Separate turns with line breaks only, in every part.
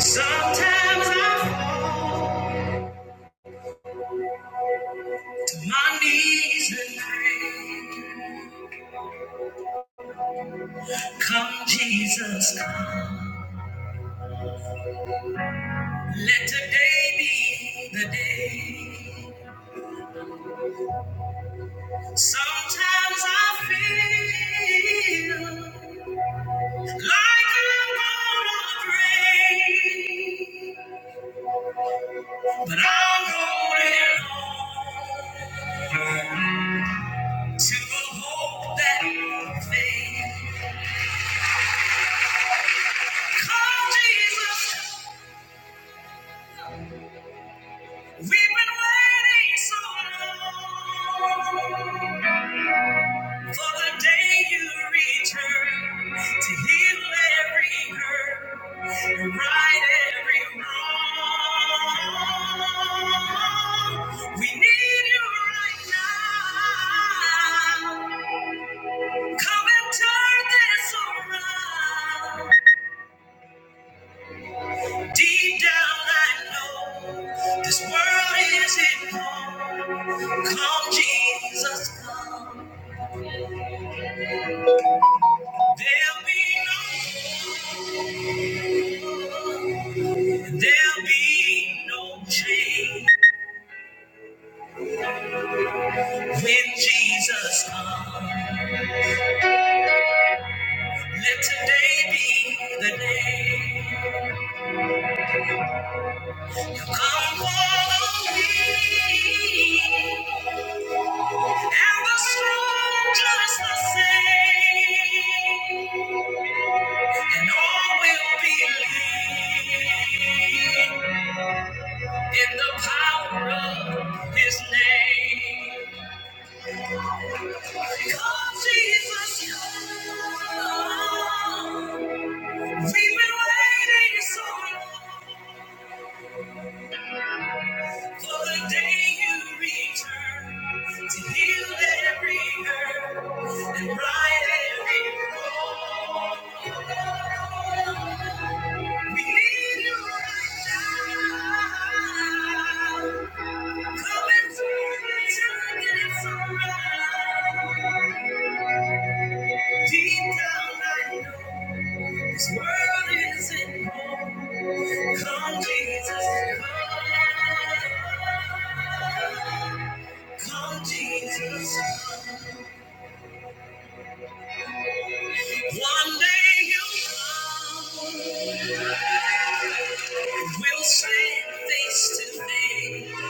Sometimes I fall to my knees and pray. Come, Jesus, come. Let today be the day. Sometimes I feel like I'm gonna break, but I'm holding on to a hope that faith. Come, Jesus. We've been waiting so long for the day you return to heal every hurt and right every wrong. We need you right now. Come and turn this around. Deep down, I know this world isn't home. Come, Jesus, come. There'll be no, there'll be no change when Jesus comes. Let today be the day. Come follow me, and the strong just the same, and all will believe in the power of His name. Because Jesus comes. We've been waiting so long for the day you return to heal every hurt and right every wrong. We need you right now. Come and turn and turn around. Deep down I know this world isn't home. Come Jesus, come, come Jesus. One day you'll come and we'll stand face to face.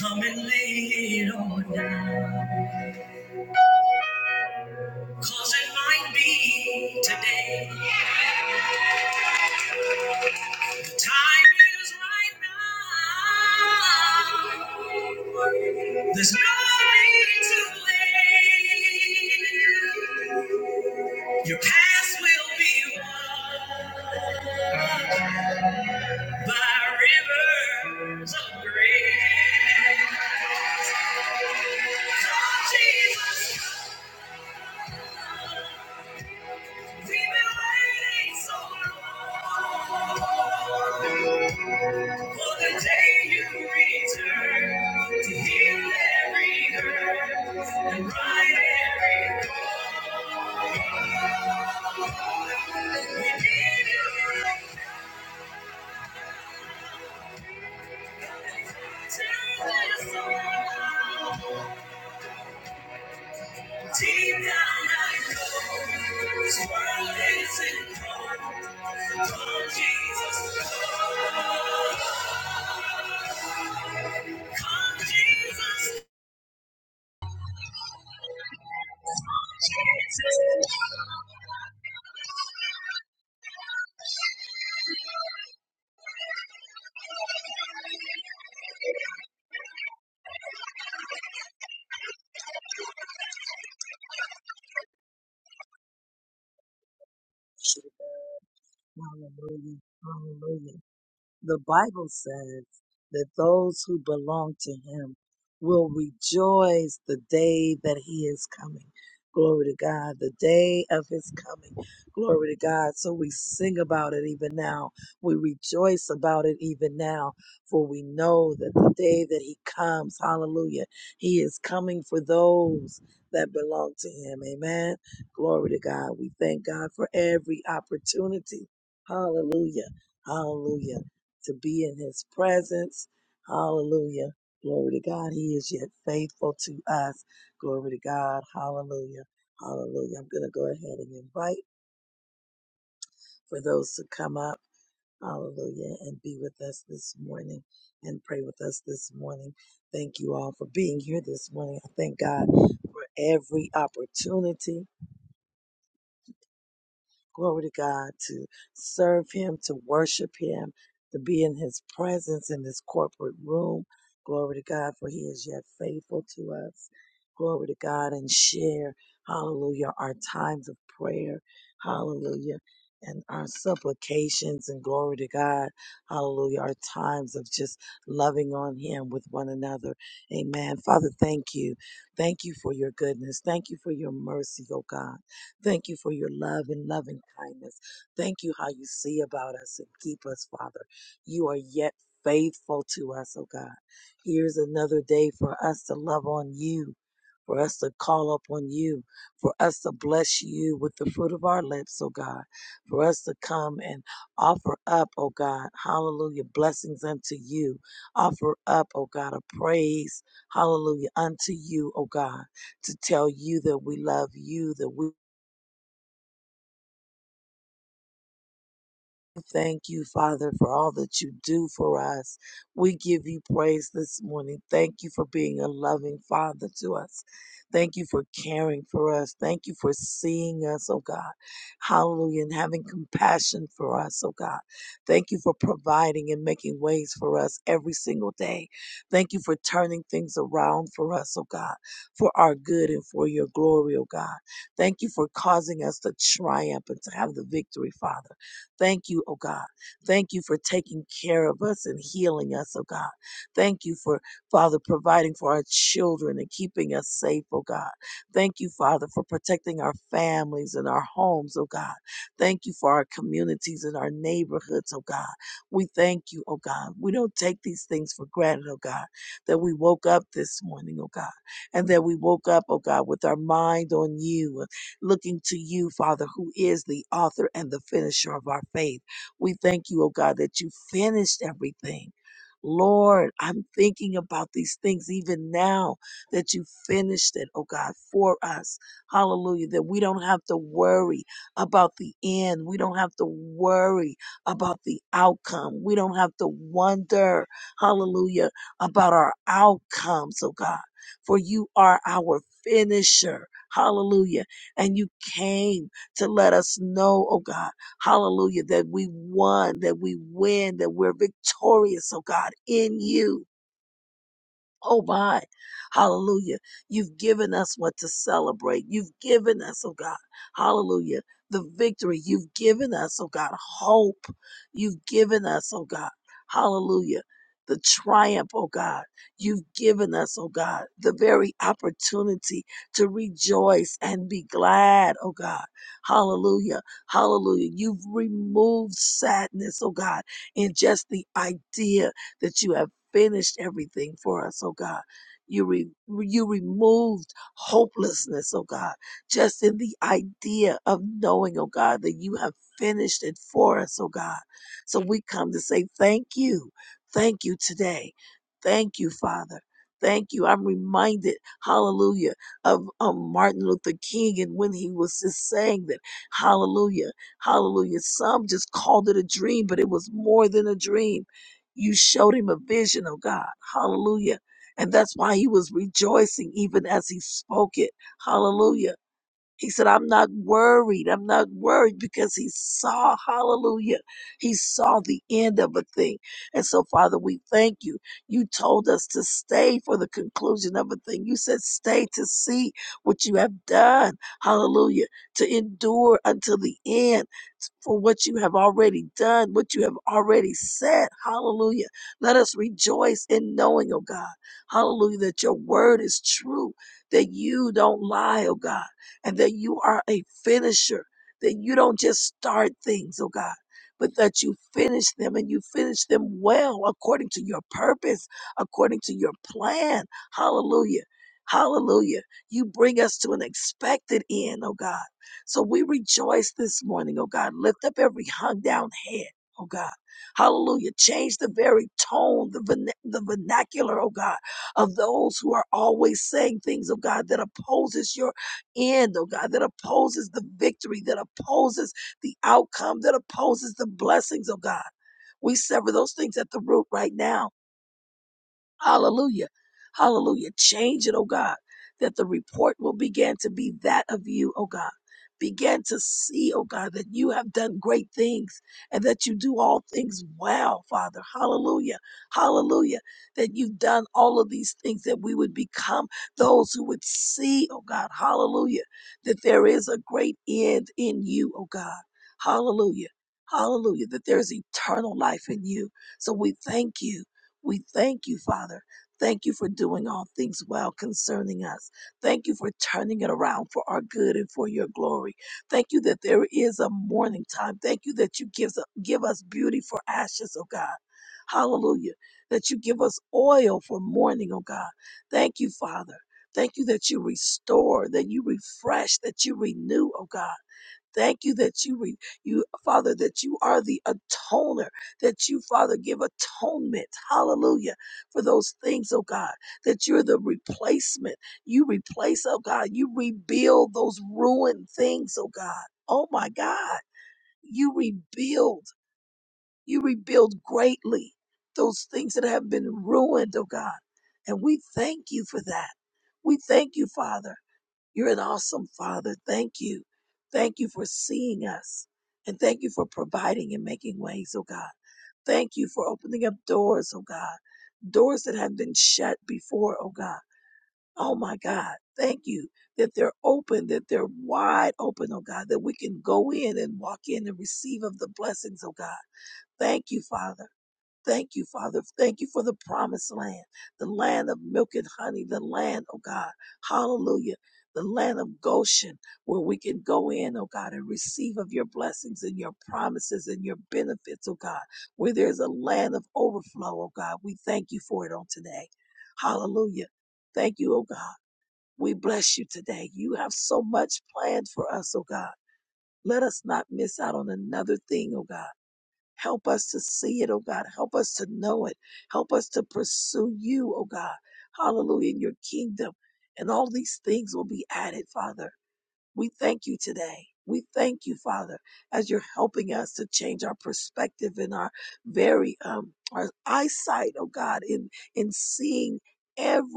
Come and lay it on down. 'Cause it might be today. The time is right now. There's no need to wait. Your past will be won by rivers of grace. Come, Jesus. We've been waiting so long for the day you return to heal every hurt and right every wrong. We need you to this song. Deep down I know this world isn't wrong. Come Jesus, come. Come Jesus, Jesus.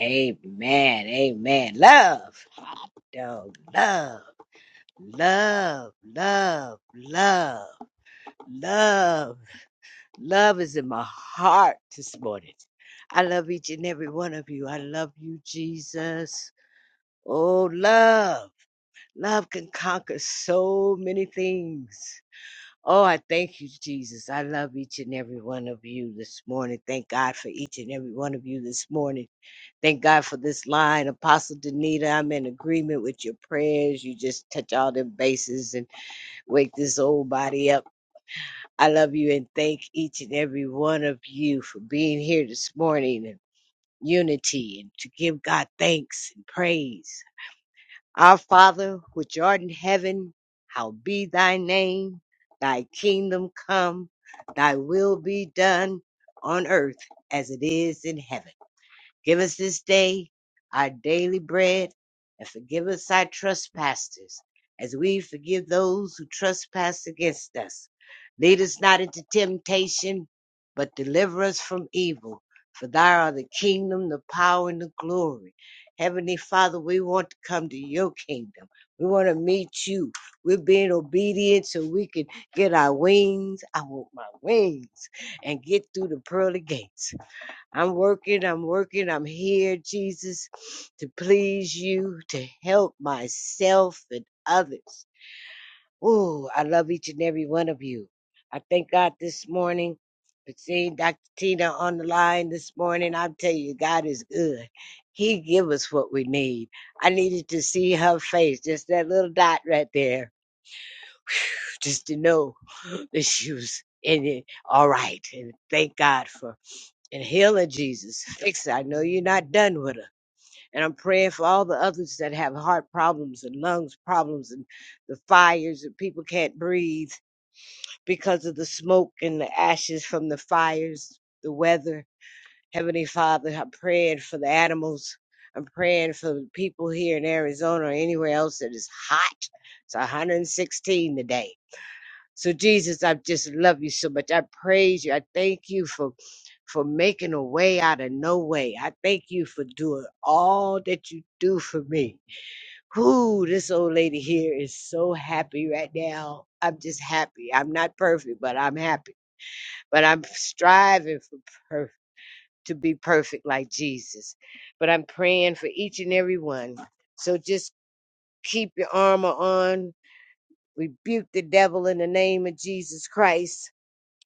Amen. Amen. Love. Dog. Love. Love. Love. Love. Love. Love is in my heart this morning. I love each and every one of you. I love you, Jesus. Oh, love. Love can conquer so many things. Oh, I thank you, Jesus. I love each and every one of you this morning. Thank God for each and every one of you this morning. Thank God for this line. Apostle Danita, I'm in agreement with your prayers. You just touch all them bases and wake this old body up. I love you and thank each and every one of you for being here this morning in unity and to give God thanks and praise. Our Father, which art in heaven, hallowed be thy name, thy kingdom come, thy will be done on earth as it is in heaven. Give us this day our daily bread, and forgive us our trespasses, as we forgive those who trespass against us. Lead us not into temptation, but deliver us from evil. For thou art the kingdom, the power, and the glory. Heavenly Father, we want to come to your kingdom. We want to meet you. We're being obedient so we can get our wings. I want my wings and get through the pearly gates. I'm working, I'm working, I'm here, Jesus, to please you, to help myself and others. Ooh, I love each and every one of you. I thank God this morning for seeing Dr. Tina on the line this morning. I'll tell you, God is good. He give us what we need. I needed to see her face, just that little dot right there, just to know that she was in it all right. And thank God for and healing Jesus. Fix it. I know you're not done with her. And I'm praying for all the others that have heart problems and lungs problems and the fires and people can't breathe because of the smoke and the ashes from the fires, the weather. Heavenly Father, I'm praying for the animals. I'm praying for the people here in Arizona or anywhere else that is hot. It's 116 today so Jesus, I just love you so much. I praise you. I thank you for for making a way out of no way. I thank you for doing all that you do for me. Whoo, this old lady here is so happy right now. I'm just happy. I'm not perfect, but I'm happy. But I'm striving for per- to be perfect like Jesus. But I'm praying for each and every one. So just keep your armor on. Rebuke the devil in the name of Jesus Christ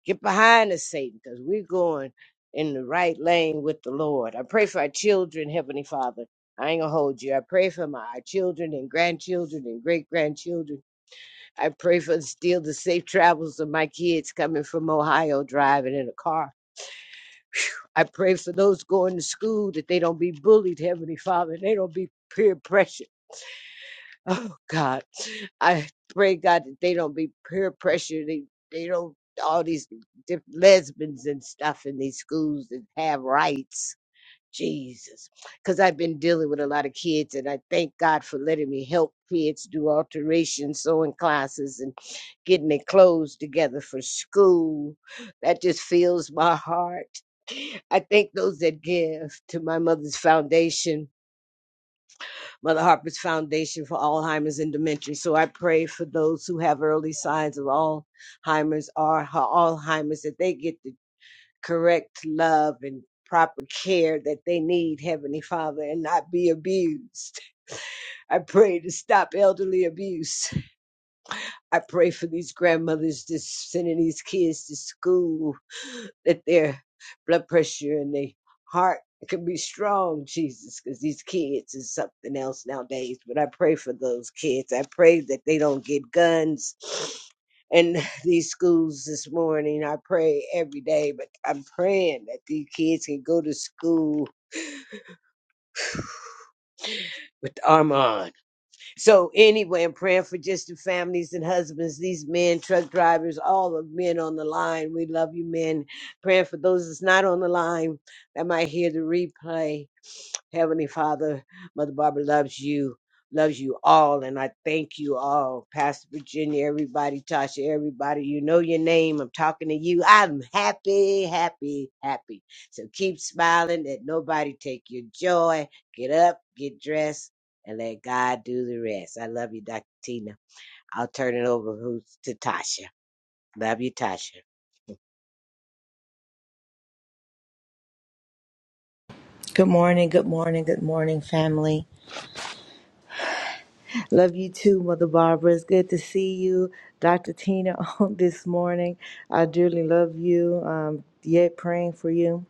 Get behind us, Satan, because we're going in the right lane with the Lord. I pray for our children, Heavenly Father. I ain't gonna hold you. I pray for my our children and grandchildren and great grandchildren. I pray for still the safe travels of my kids coming from Ohio driving in a car. I pray for those going to school that they don't be bullied, Heavenly Father. They don't be peer pressure Oh God, I pray God that they don't be peer pressure. They they don't all these diff- lesbians and stuff in these schools that have rights. Jesus, because I've been dealing with a lot of kids, and I thank God for letting me help kids do alterations, sewing classes and getting their clothes together for school. That just fills my heart. I thank those that give to my mother's foundation Mother Harper's Foundation for Alzheimer's and Dementia. So I pray for those who have early signs of Alzheimer's or Alzheimer's that they get the correct love and proper care that they need, Heavenly Father, and not be abused. I pray to stop elderly abuse. I pray for these grandmothers just sending these kids to school that their blood pressure and their heart can be strong, Jesus, because these kids is something else nowadays. But I pray for those kids. I pray that they don't get guns in these schools this morning. I pray every day, but I'm praying that these kids can go to school with the armor on So anyway, I'm praying for just the families and husbands, these men, truck drivers, all the men on the line. We love you, men. Praying for those that's not on the line that might hear the replay. Heavenly Father, Mother Barbara loves you, loves you all, and I thank you all, Pastor Virginia, everybody, Tasha, everybody. You know your name. I'm talking to you. I'm happy, happy, happy. So keep smiling. Let nobody take your joy. Get up, get dressed, and let God do the rest. I love you, Dr. Tina. I'll turn it over who's to Tasha. Love you, Tasha.
Good morning, good morning, good morning, family. Love you too, Mother Barbara. It's good to see you, Dr. Tina, on this morning. I dearly love you. Um, yet praying for you.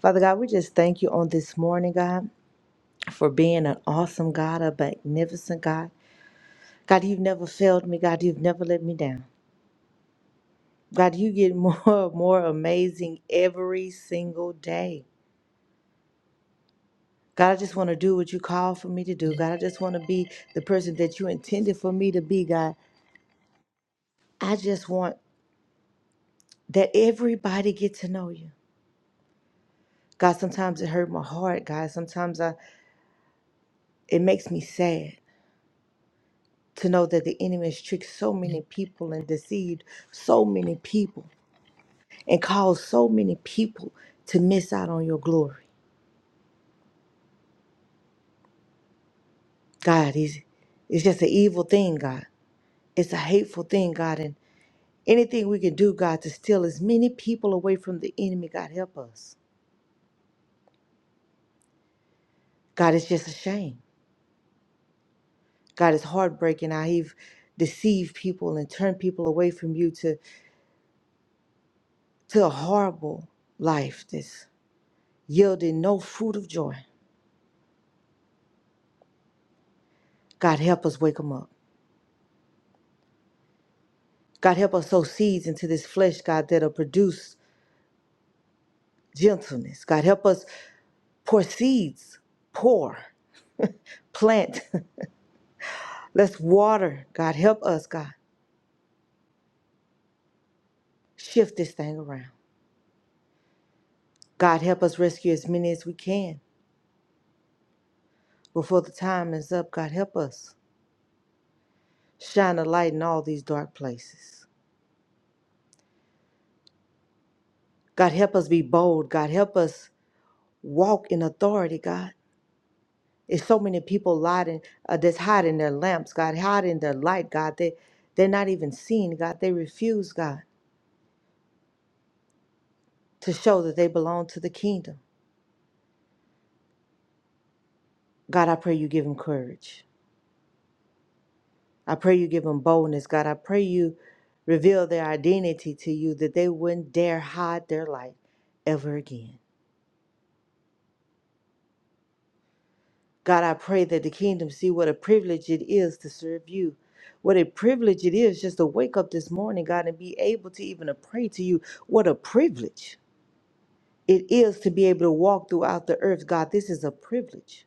Father God, we just thank you on this morning, God, for being an awesome God, a magnificent God. God, you've never failed me. God, you've never let me down. God, you get more and more amazing every single day. God, I just want to do what you call for me to do. God, I just want to be the person that you intended for me to be, God. I just want that everybody get to know you. God, sometimes it hurt my heart, God. Sometimes I it makes me sad to know that the enemy has tricked so many people and deceived so many people and caused so many people to miss out on your glory. God, it's, it's just an evil thing, God. It's a hateful thing, God. And anything we can do, God, to steal as many people away from the enemy, God, help us. God, it's just a shame. God is heartbreaking how He've deceived people and turned people away from you to, to a horrible life that's yielding no fruit of joy. God, help us wake them up. God, help us sow seeds into this flesh, God, that'll produce gentleness. God, help us pour seeds, pour, plant. Let's water. God, help us, God. Shift this thing around. God, help us rescue as many as we can before the time is up. God, help us shine a light in all these dark places. God, help us be bold. God, help us walk in authority, God. There's so many people lying, uh, that's hiding their lamps, God, hiding their light, God. They, they're not even seen, God. They refuse, God, to show that they belong to the kingdom. God, I pray you give them courage. I pray you give them boldness, God. I pray you reveal their identity to you that they wouldn't dare hide their light ever again. God, I pray that the kingdom see what a privilege it is to serve you. What a privilege it is just to wake up this morning, God, and be able to even to pray to you. What a privilege it is to be able to walk throughout the earth, God. This is a privilege.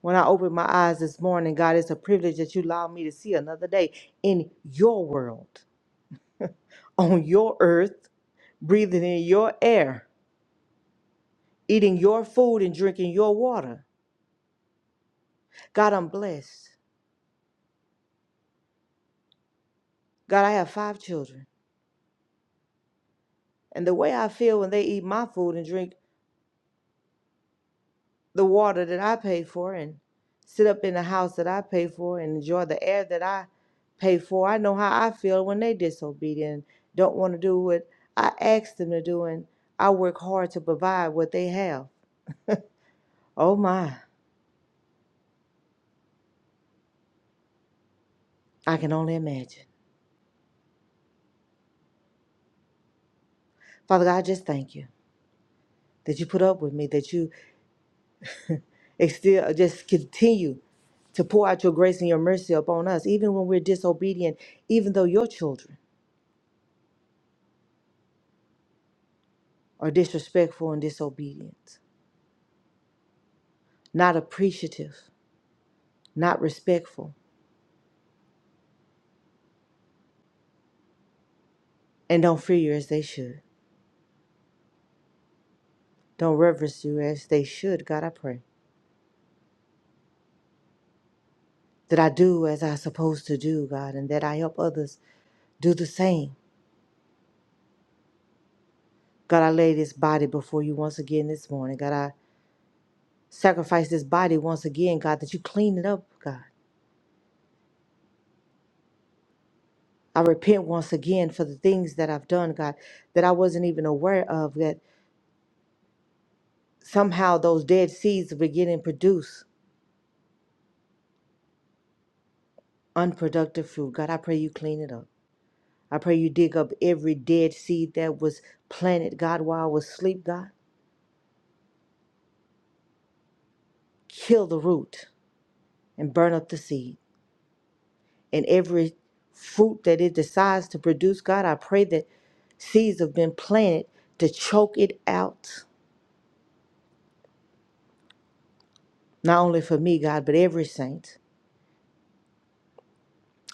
When I opened my eyes this morning, God, it's a privilege that you allowed me to see another day in your world, on your earth, breathing in your air, eating your food and drinking your water. God, I'm blessed. God, I have five children. and the way I feel when they eat my food and drink the water that I pay for and sit up in the house that I pay for and enjoy the air that I pay for, I know how I feel when they disobedient, don't want to do what I ask them to do, and I work hard to provide what they have. Oh my, I can only imagine. Father God, I just thank you that you put up with me, that you ex- still just continue to pour out your grace and your mercy upon us, even when we're disobedient, even though your children. Are disrespectful and disobedient, not appreciative, not respectful, and don't fear you as they should. Don't reverence you as they should, God, I pray. That I do as I'm supposed to do, God, and that I help others do the same. God, I lay this body before you once again this morning. God, I sacrifice this body once again, God, that you clean it up, God. I repent once again for the things that I've done, God, that I wasn't even aware of, that somehow those dead seeds are beginning to produce unproductive fruit. God, I pray you clean it up. I pray you dig up every dead seed that was planted, God, while I was asleep, God. Kill the root and burn up the seed. And every fruit that it decides to produce, God, I pray that seeds have been planted to choke it out. Not only for me, God, but every saint.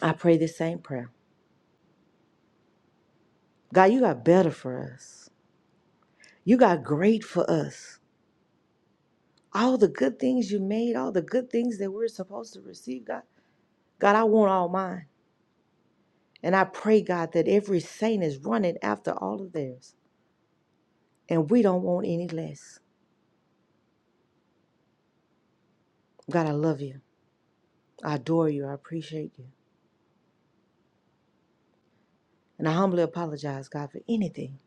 I pray this same prayer. God, you got better for us. You got great for us. All the good things you made, all the good things that we're supposed to receive, God. God, I want all mine. And I pray, God, that every saint is running after all of theirs. And we don't want any less. God, I love you. I adore you. I appreciate you. And I humbly apologize, God, for anything.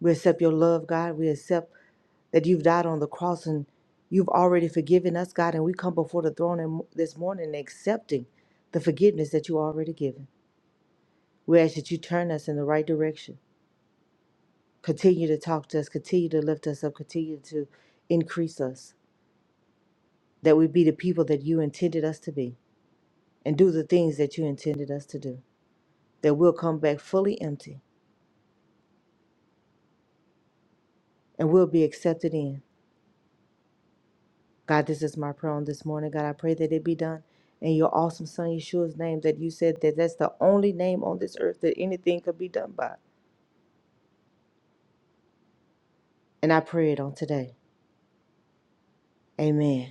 We accept your love, God. We accept that you've died on the cross and you've already forgiven us, God. And we come before the throne in- this morning accepting the forgiveness that you already given. We ask that you turn us in the right direction. Continue to talk to us. Continue to lift us up. Continue to increase us. that we be the people that you intended us to be and do the things that you intended us to do, that we'll come back fully empty and we'll be accepted in. God, this is my prayer on this morning. God, I pray that it be done in your awesome son Yeshua's name that you said that that's the only name on this earth that anything could be done by. And I pray it on today. Amen.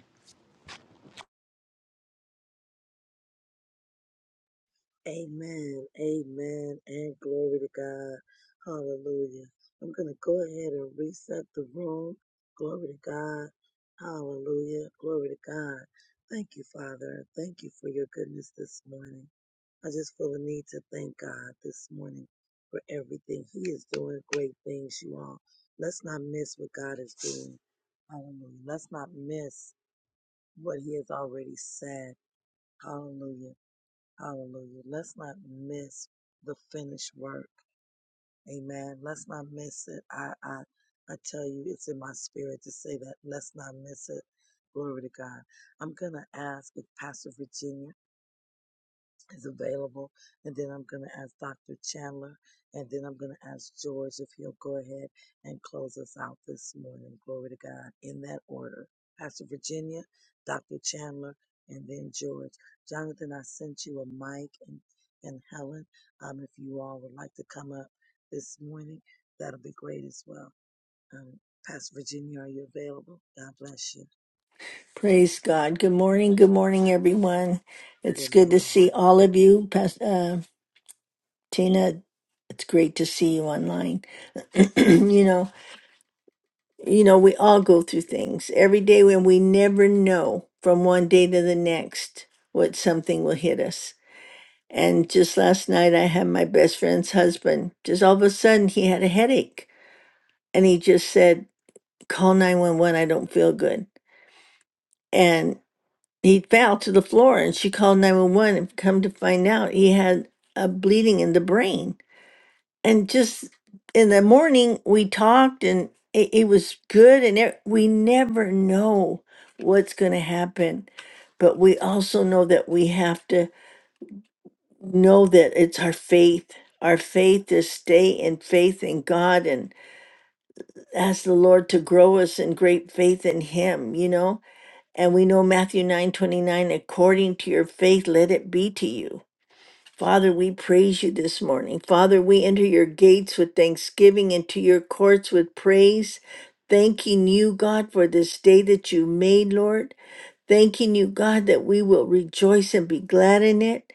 Praise God. Good morning. Good morning, everyone. It's good to see all of you. Pas- Uh, Tina, it's great to see you online. you know, you know, we all go through things every day when we never know from one day to the next what something will hit us. And just last night, I had my best friend's husband. Just all of a sudden, he had a headache, and he just said, "Call nine one one. I don't feel good." He fell to the floor and she called 911 and come to find out he had a bleeding in the brain. And just in the morning, we talked and it, it was good. And it, we never know what's going to happen. But we also know that we have to know that it's our faith, our faith to stay in faith in God and ask the Lord to grow us in great faith in Him, you know? And we know Matthew 9 29. according to your faith, let it be to you. Father, we praise you this morning. Father, we enter your gates with thanksgiving and to your courts with praise, thanking you, God, for this day that you made, Lord. Thanking you, God, that we will rejoice and be glad in it.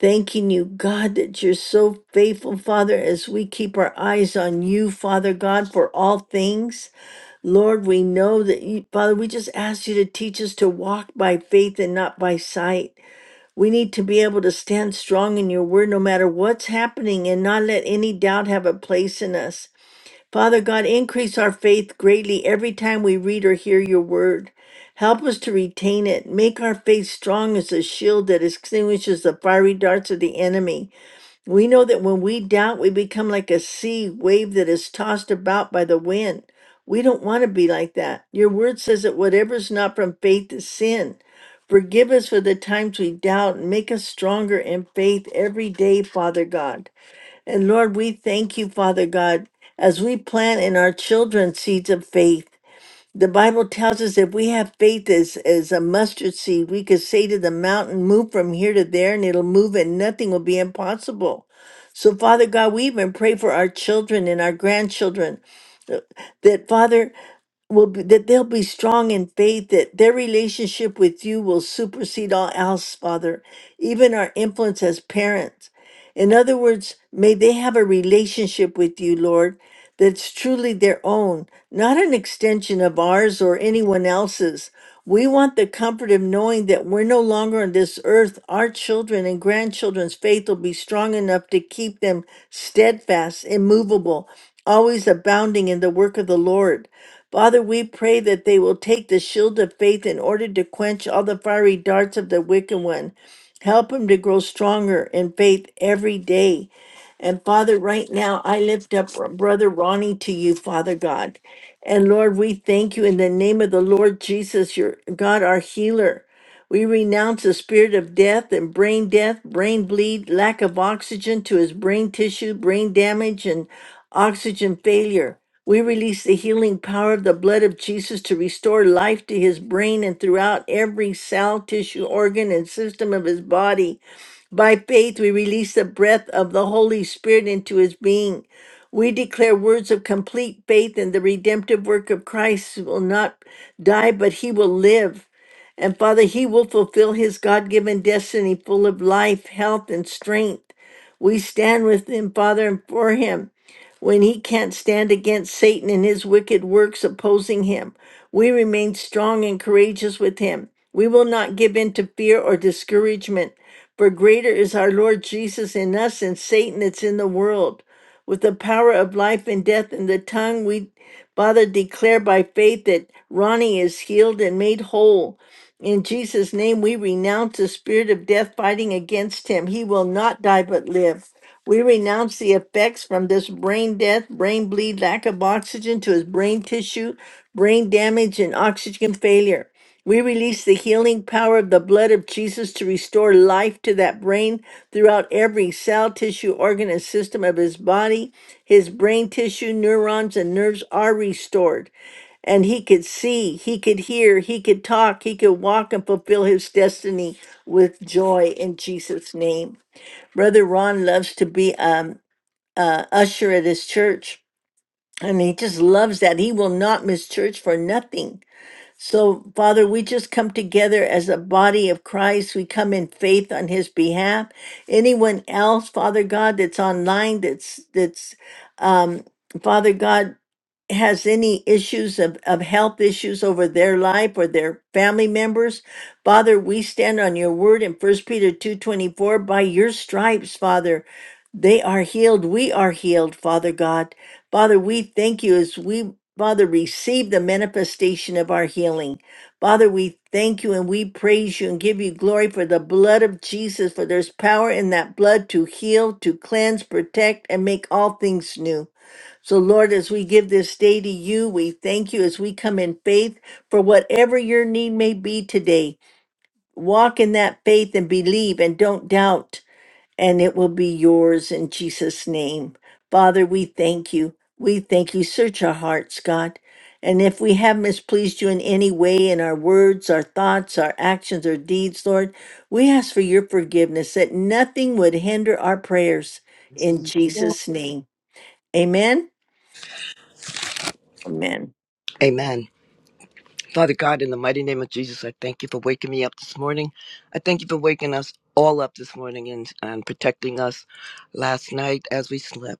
Thanking you, God, that you're so faithful, Father, as we keep our eyes on you, Father God, for all things. Lord, we know that you, Father, we just ask you to teach us to walk by faith and not by sight. We need to be able to stand strong in your word no matter what's happening and not let any doubt have a place in us. Father God, increase our faith greatly every time we read or hear your word. Help us to retain it. Make our faith strong as a shield that extinguishes the fiery darts of the enemy. We know that when we doubt, we become like a sea wave that is tossed about by the wind. We don't want to be like that. Your word says that whatever is not from faith is sin. Forgive us for the times we doubt and make us stronger in faith every day, Father God. And Lord, we thank you, Father God, as we plant in our children seeds of faith. The Bible tells us if we have faith as, as a mustard seed, we could say to the mountain, Move from here to there, and it'll move, and nothing will be impossible. So, Father God, we even pray for our children and our grandchildren uh, that Father will be, that they'll be strong in faith, that their relationship with you will supersede all else, Father, even our influence as parents. In other words, may they have a relationship with you, Lord, that's truly their own, not an extension of ours or anyone else's. We want the comfort of knowing that we're no longer on this earth. Our children and grandchildren's faith will be strong enough to keep them steadfast, immovable, always abounding in the work of the Lord. Father, we pray that they will take the shield of faith in order to quench all the fiery darts of the wicked one. Help them to grow stronger in faith every day. And Father, right now, I lift up Brother Ronnie to you, Father God. And Lord, we thank you in the name of the Lord Jesus, your God, our healer. We renounce the spirit of death and brain death, brain bleed, lack of oxygen to his brain tissue, brain damage, and oxygen failure. We release the healing power of the blood of Jesus to restore life to his brain and throughout every cell, tissue, organ, and system of his body. By faith, we release the breath of the Holy Spirit into his being. We declare words of complete faith in the redemptive work of Christ who will not die, but he will live. And Father, he will fulfill his God given destiny full of life, health, and strength. We stand with him, Father, and for him when he can't stand against Satan and his wicked works opposing him. We remain strong and courageous with him. We will not give in to fear or discouragement, for greater is our Lord Jesus in us and Satan that's in the world. With the power of life and death in the tongue, we, Father, declare by faith that Ronnie is healed and made whole. In Jesus' name, we renounce the spirit of death fighting against him. He will not die but live. We renounce the effects from this brain death, brain bleed, lack of oxygen to his brain tissue, brain damage, and oxygen failure. We release the healing power of the blood of Jesus to restore life to that brain throughout every cell, tissue, organ, and system of his body. His brain tissue, neurons, and nerves are restored and he could see, he could hear, he could talk, he could walk and fulfill his destiny with joy in Jesus' name. Brother Ron loves to be um uh usher at his church, and he just loves that. He will not miss church for nothing. So, Father, we just come together as a body of Christ. We come in faith on his behalf. Anyone else, Father God, that's online, that's that's um, Father God has any issues of, of health issues over their life or their family members father we stand on your word in first peter 2.24 by your stripes father they are healed we are healed father god father we thank you as we father receive the manifestation of our healing father we thank you and we praise you and give you glory for the blood of jesus for there's power in that blood to heal to cleanse protect and make all things new so, Lord, as we give this day to you, we thank you as we come in faith for whatever your need may be today. Walk in that faith and believe and don't doubt, and it will be yours in Jesus' name. Father, we thank you. We thank you. Search our hearts, God. And if we have mispleased you in any way in our words, our thoughts, our actions, or deeds, Lord, we ask for your forgiveness that nothing would hinder our prayers in Jesus' name. Amen. Amen.
Amen. Father God, in the mighty name of Jesus, I thank you for waking me up this morning. I thank you for waking us all up this morning and, and protecting us last night as we slept.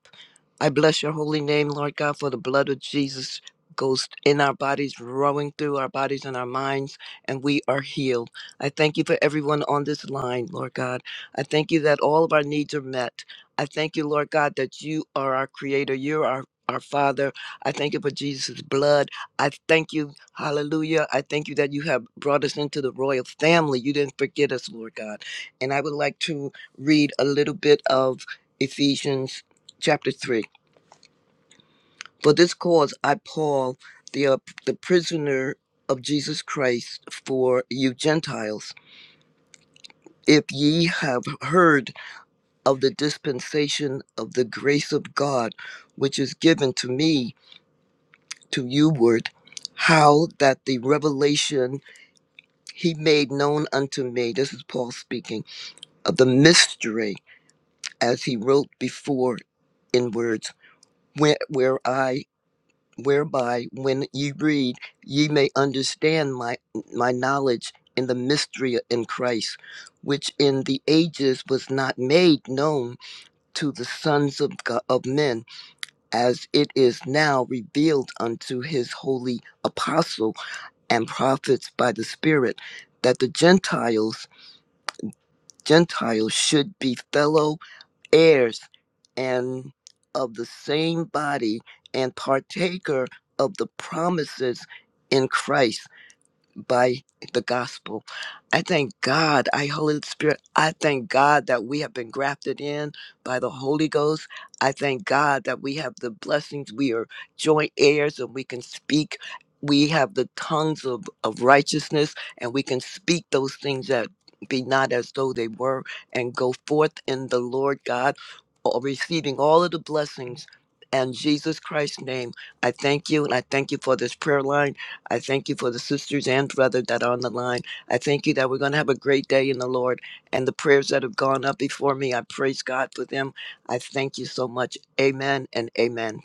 I bless your holy name, Lord God, for the blood of Jesus goes in our bodies, rowing through our bodies and our minds, and we are healed. I thank you for everyone on this line, Lord God. I thank you that all of our needs are met. I thank you, Lord God, that you are our creator. You're our our Father, I thank you for Jesus' blood. I thank you, hallelujah. I thank you that you have brought us into the royal family. You didn't forget us, Lord God. And I would like to read a little bit of Ephesians chapter 3. For this cause I, Paul, the, uh, the prisoner of Jesus Christ for you Gentiles, if ye have heard of the dispensation of the grace of God, which is given to me to youward, how that the revelation he made known unto me, this is Paul speaking, of the mystery as he wrote before in words, where, where I. whereby when ye read ye may understand my my knowledge in the mystery in Christ which in the ages was not made known to the sons of God, of men as it is now revealed unto his holy apostle and prophets by the spirit that the gentiles gentiles should be fellow heirs and of the same body and partaker of the promises in Christ by the gospel. I thank God, I Holy Spirit, I thank God that we have been grafted in by the Holy Ghost. I thank God that we have the blessings. We are joint heirs and we can speak. We have the tongues of, of righteousness and we can speak those things that be not as though they were and go forth in the Lord God, all- receiving all of the blessings. In Jesus Christ's name, I thank you and I thank you for this prayer line. I thank you for the sisters and brother that are on the line. I thank you that we're going to have a great day in the Lord. And the prayers that have gone up before me, I praise God for them. I thank you so much. Amen and amen.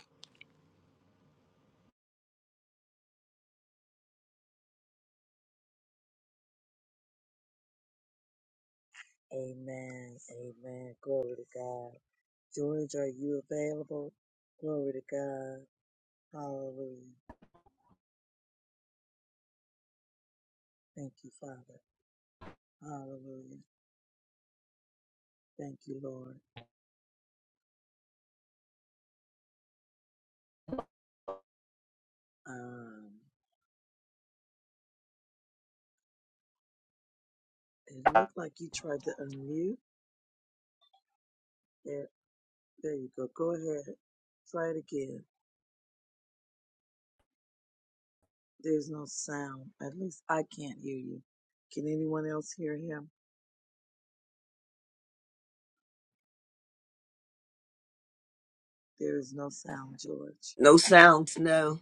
No sounds, no.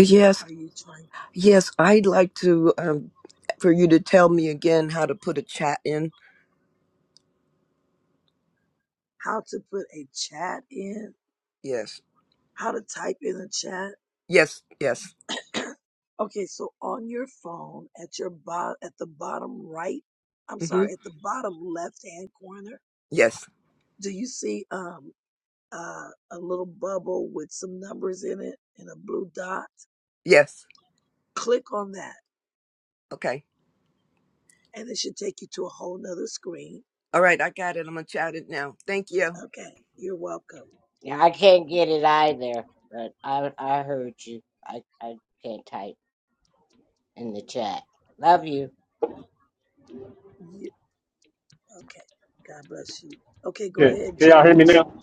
Yes, yes. I'd like to um, for you to tell me again how to put a chat in. Yes, yes, yes. hmm Yes, yes. Okay. All right, I got it. I'm gonna chat it now. Thank you.
Yeah, I can't get it either, but I I heard you. I I can't type. in the chat. Love you.
Can, can y'all hear me now?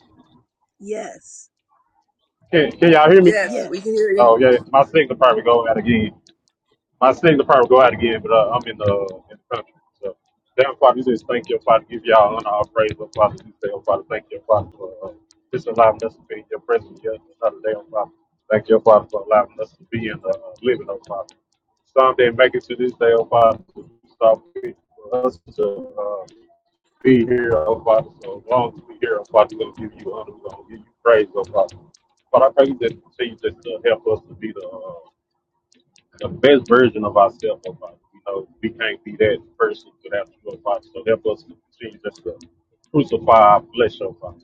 Can, can y'all hear me?
Yes, we can hear you.
Oh yeah, my signal probably going out again. My signal probably go out again, but uh, I'm in the, in the country. So, Heavenly Father, we just thank you, Father. Give y'all honor, all praise, oh Father. We say, oh Father, thank you, Father, for uh, just allowing us to be in your presence here another day, oh Father. Thank you, Father, for allowing us to be in the uh, living, oh Father. Some day make it to this day, oh Father. Stop for us to uh, be here, oh Father. So as long as we here, oh Father, we're gonna give you honor, we're gonna give you praise, oh Father. But I pray that you continue just to uh, help us to be the uh, the best version of ourselves. of us. You know, we can't be that person without you, oh Father. So help us to continue just to crucify our flesh, oh Father.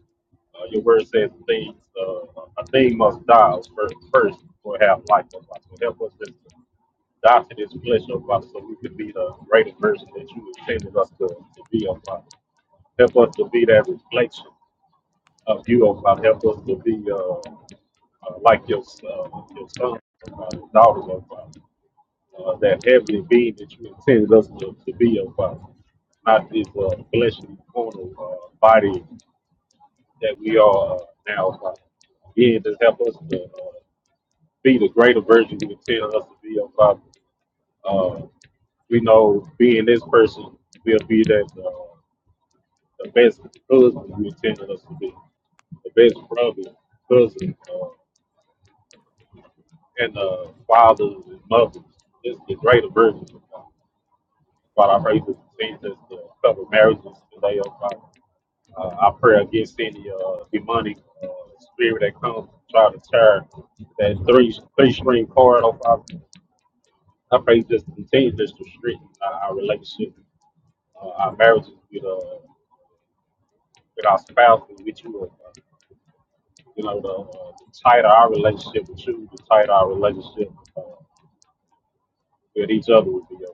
Uh, your word says things, uh, a thing must die first, first or have life, oh Father. So help us just to die to this flesh, oh Father, so we can be the greatest version that you intended us to, to be, oh Father. Help us to be that reflection of you, oh Father. Help us to be uh, uh, like your, uh, your son, oh Father, daughter, oh Father uh, that heavenly being that you intended us to, to be, oh Father. Not this uh, fleshly mortal uh, body that we are uh, now, oh Father. Again, just help us to uh, be the greater version you intended us to be, oh Father. Uh, we know being this person, we'll be that uh, the best husband you intended us to be, the best brother, cousin, uh, and uh, fathers and mothers. It's the greater version. of God. While I pray is continues to cover marriages today, oh Father. Uh, I pray against any uh, demonic uh, spirit that comes to try to tear that three three string cord off. Our, I pray you just continue this to strengthen our, our relationship, uh, our marriages with uh, with our spouse and with you. Uh, you know, the, uh, the tighter our relationship with you, the tighter our relationship uh, with each other will be. oh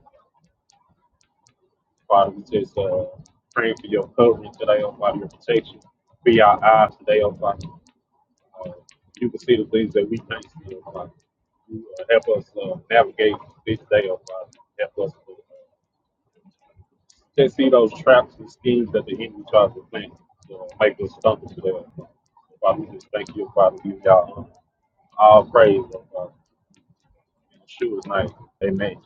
Father, we just uh, praying for your covering today, oh Father, your protection. Be our eyes today, oh Father. Uh, you can see the things that we can't see, oh Father. You, uh, help us uh, navigate this day, oh Father. Help us to uh, just see those traps and schemes that the enemy tries to plant to uh, make us stumble today, oh Father. Father, we just thank you, oh Father. Give y'all honor. all praise, oh Father. In Yeshua's name, amen.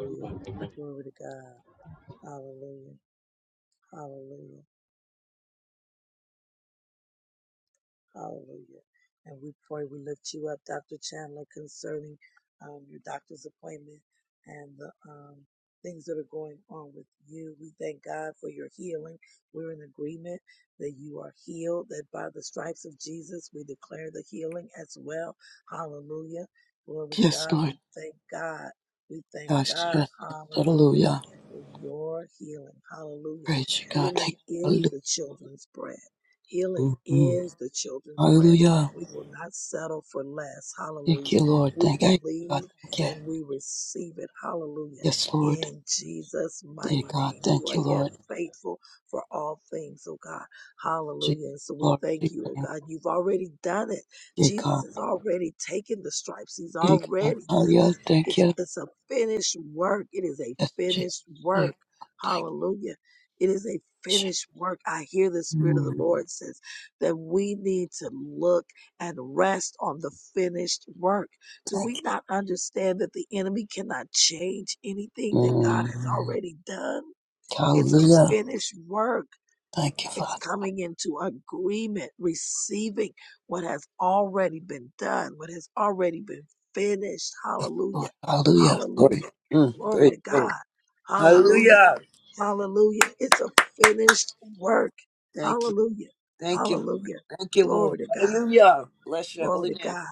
Amen. amen.
Yes, Lord. yes. yes. Hallelujah. Praise you, God. Thank you. Hallelujah. Mhm. Hallelujah. Thank you, Lord. Thank you, God. Thank you. Yes, Lord. Dear God. Thank you, Lord. Jesus. Glory to your name. Dear God. Dear God. Hallelujah. Thank you. Yes, Jesus. Thank you. Jesus. Mm, thank you. Mm, yeah. Thank you, Father. Lord. Hallelujah. Glory. Mm, praise the Lord. Hallelujah. Thank you. Thank you, Lord. Thank you, Lord. Hallelujah. Bless your holy name.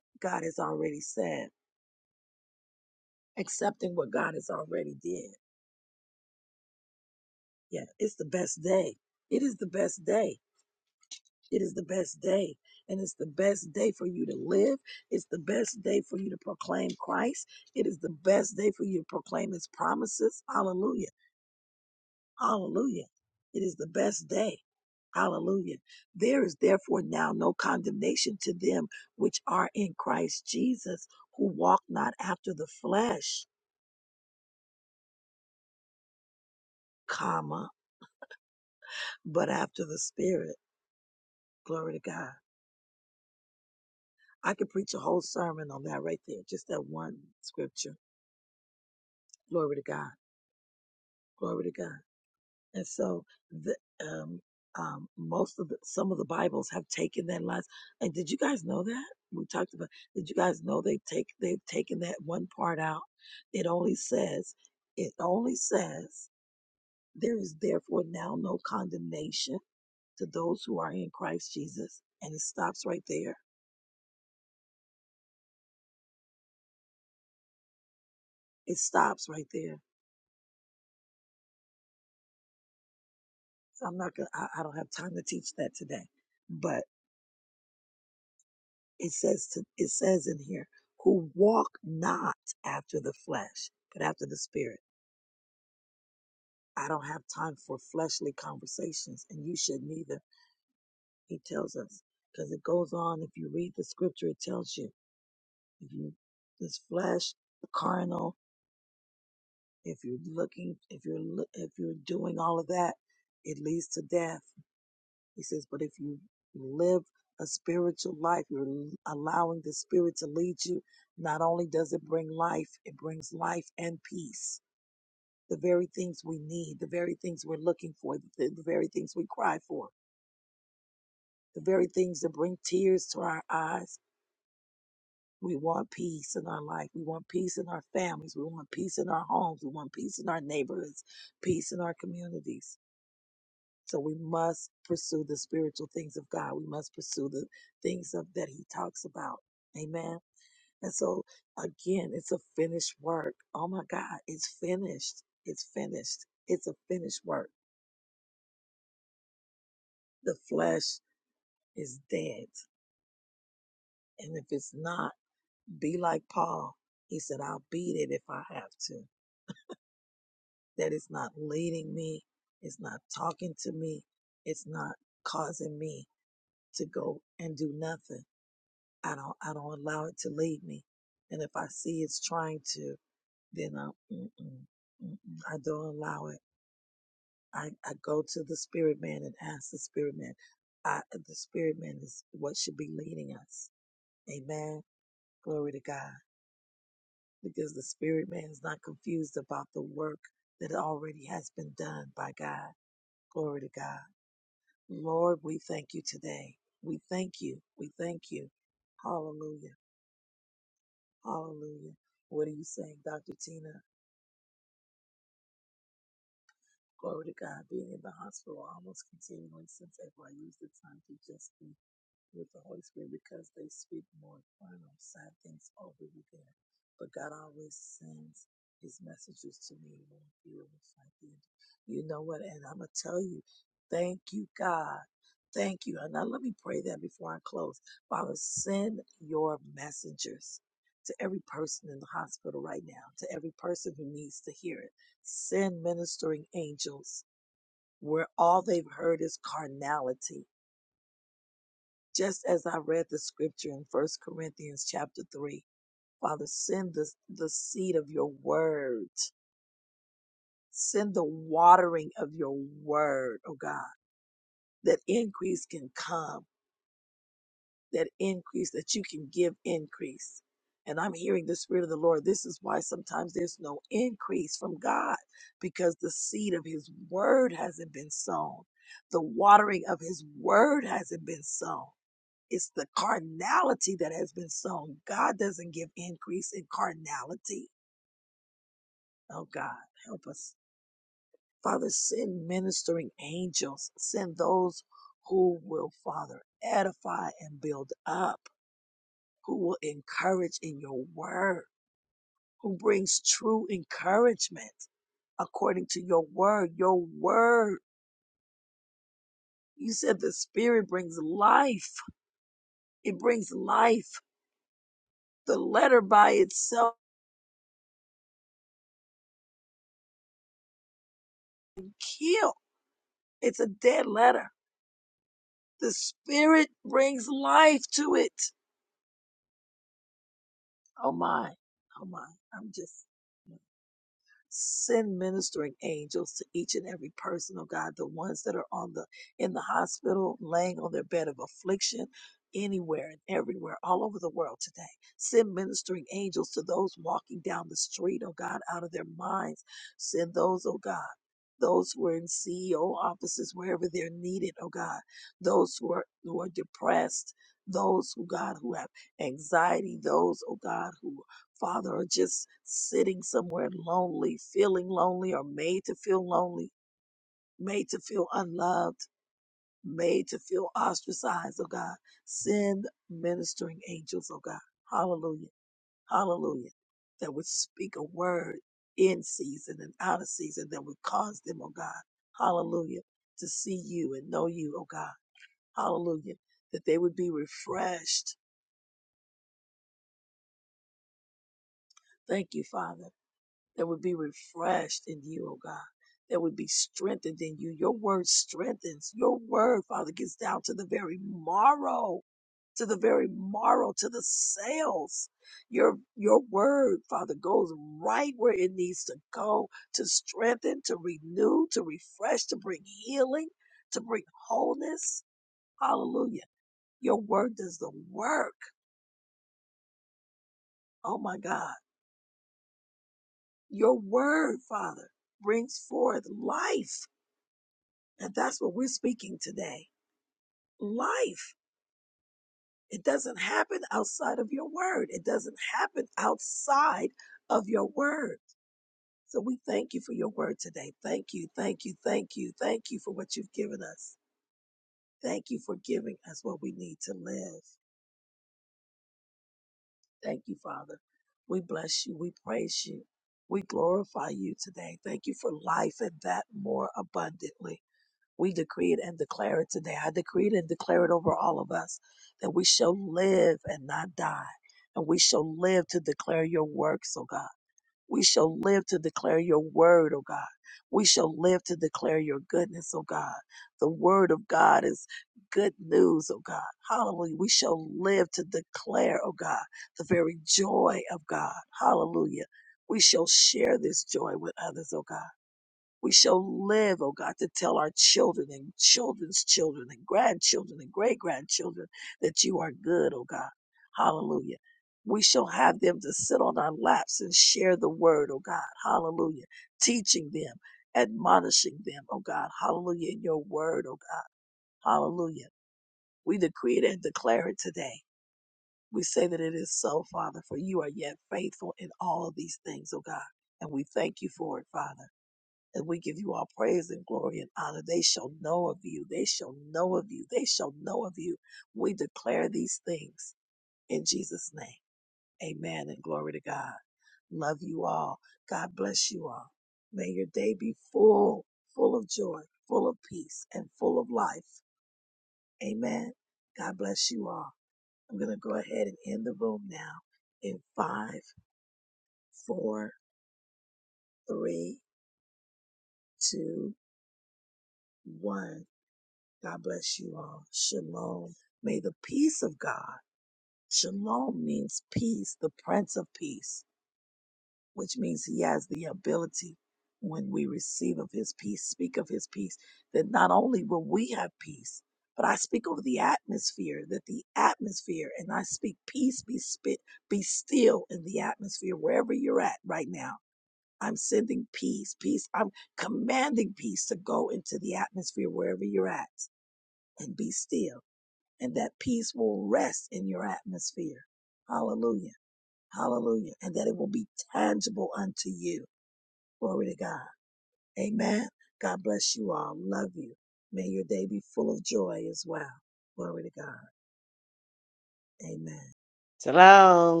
Salam.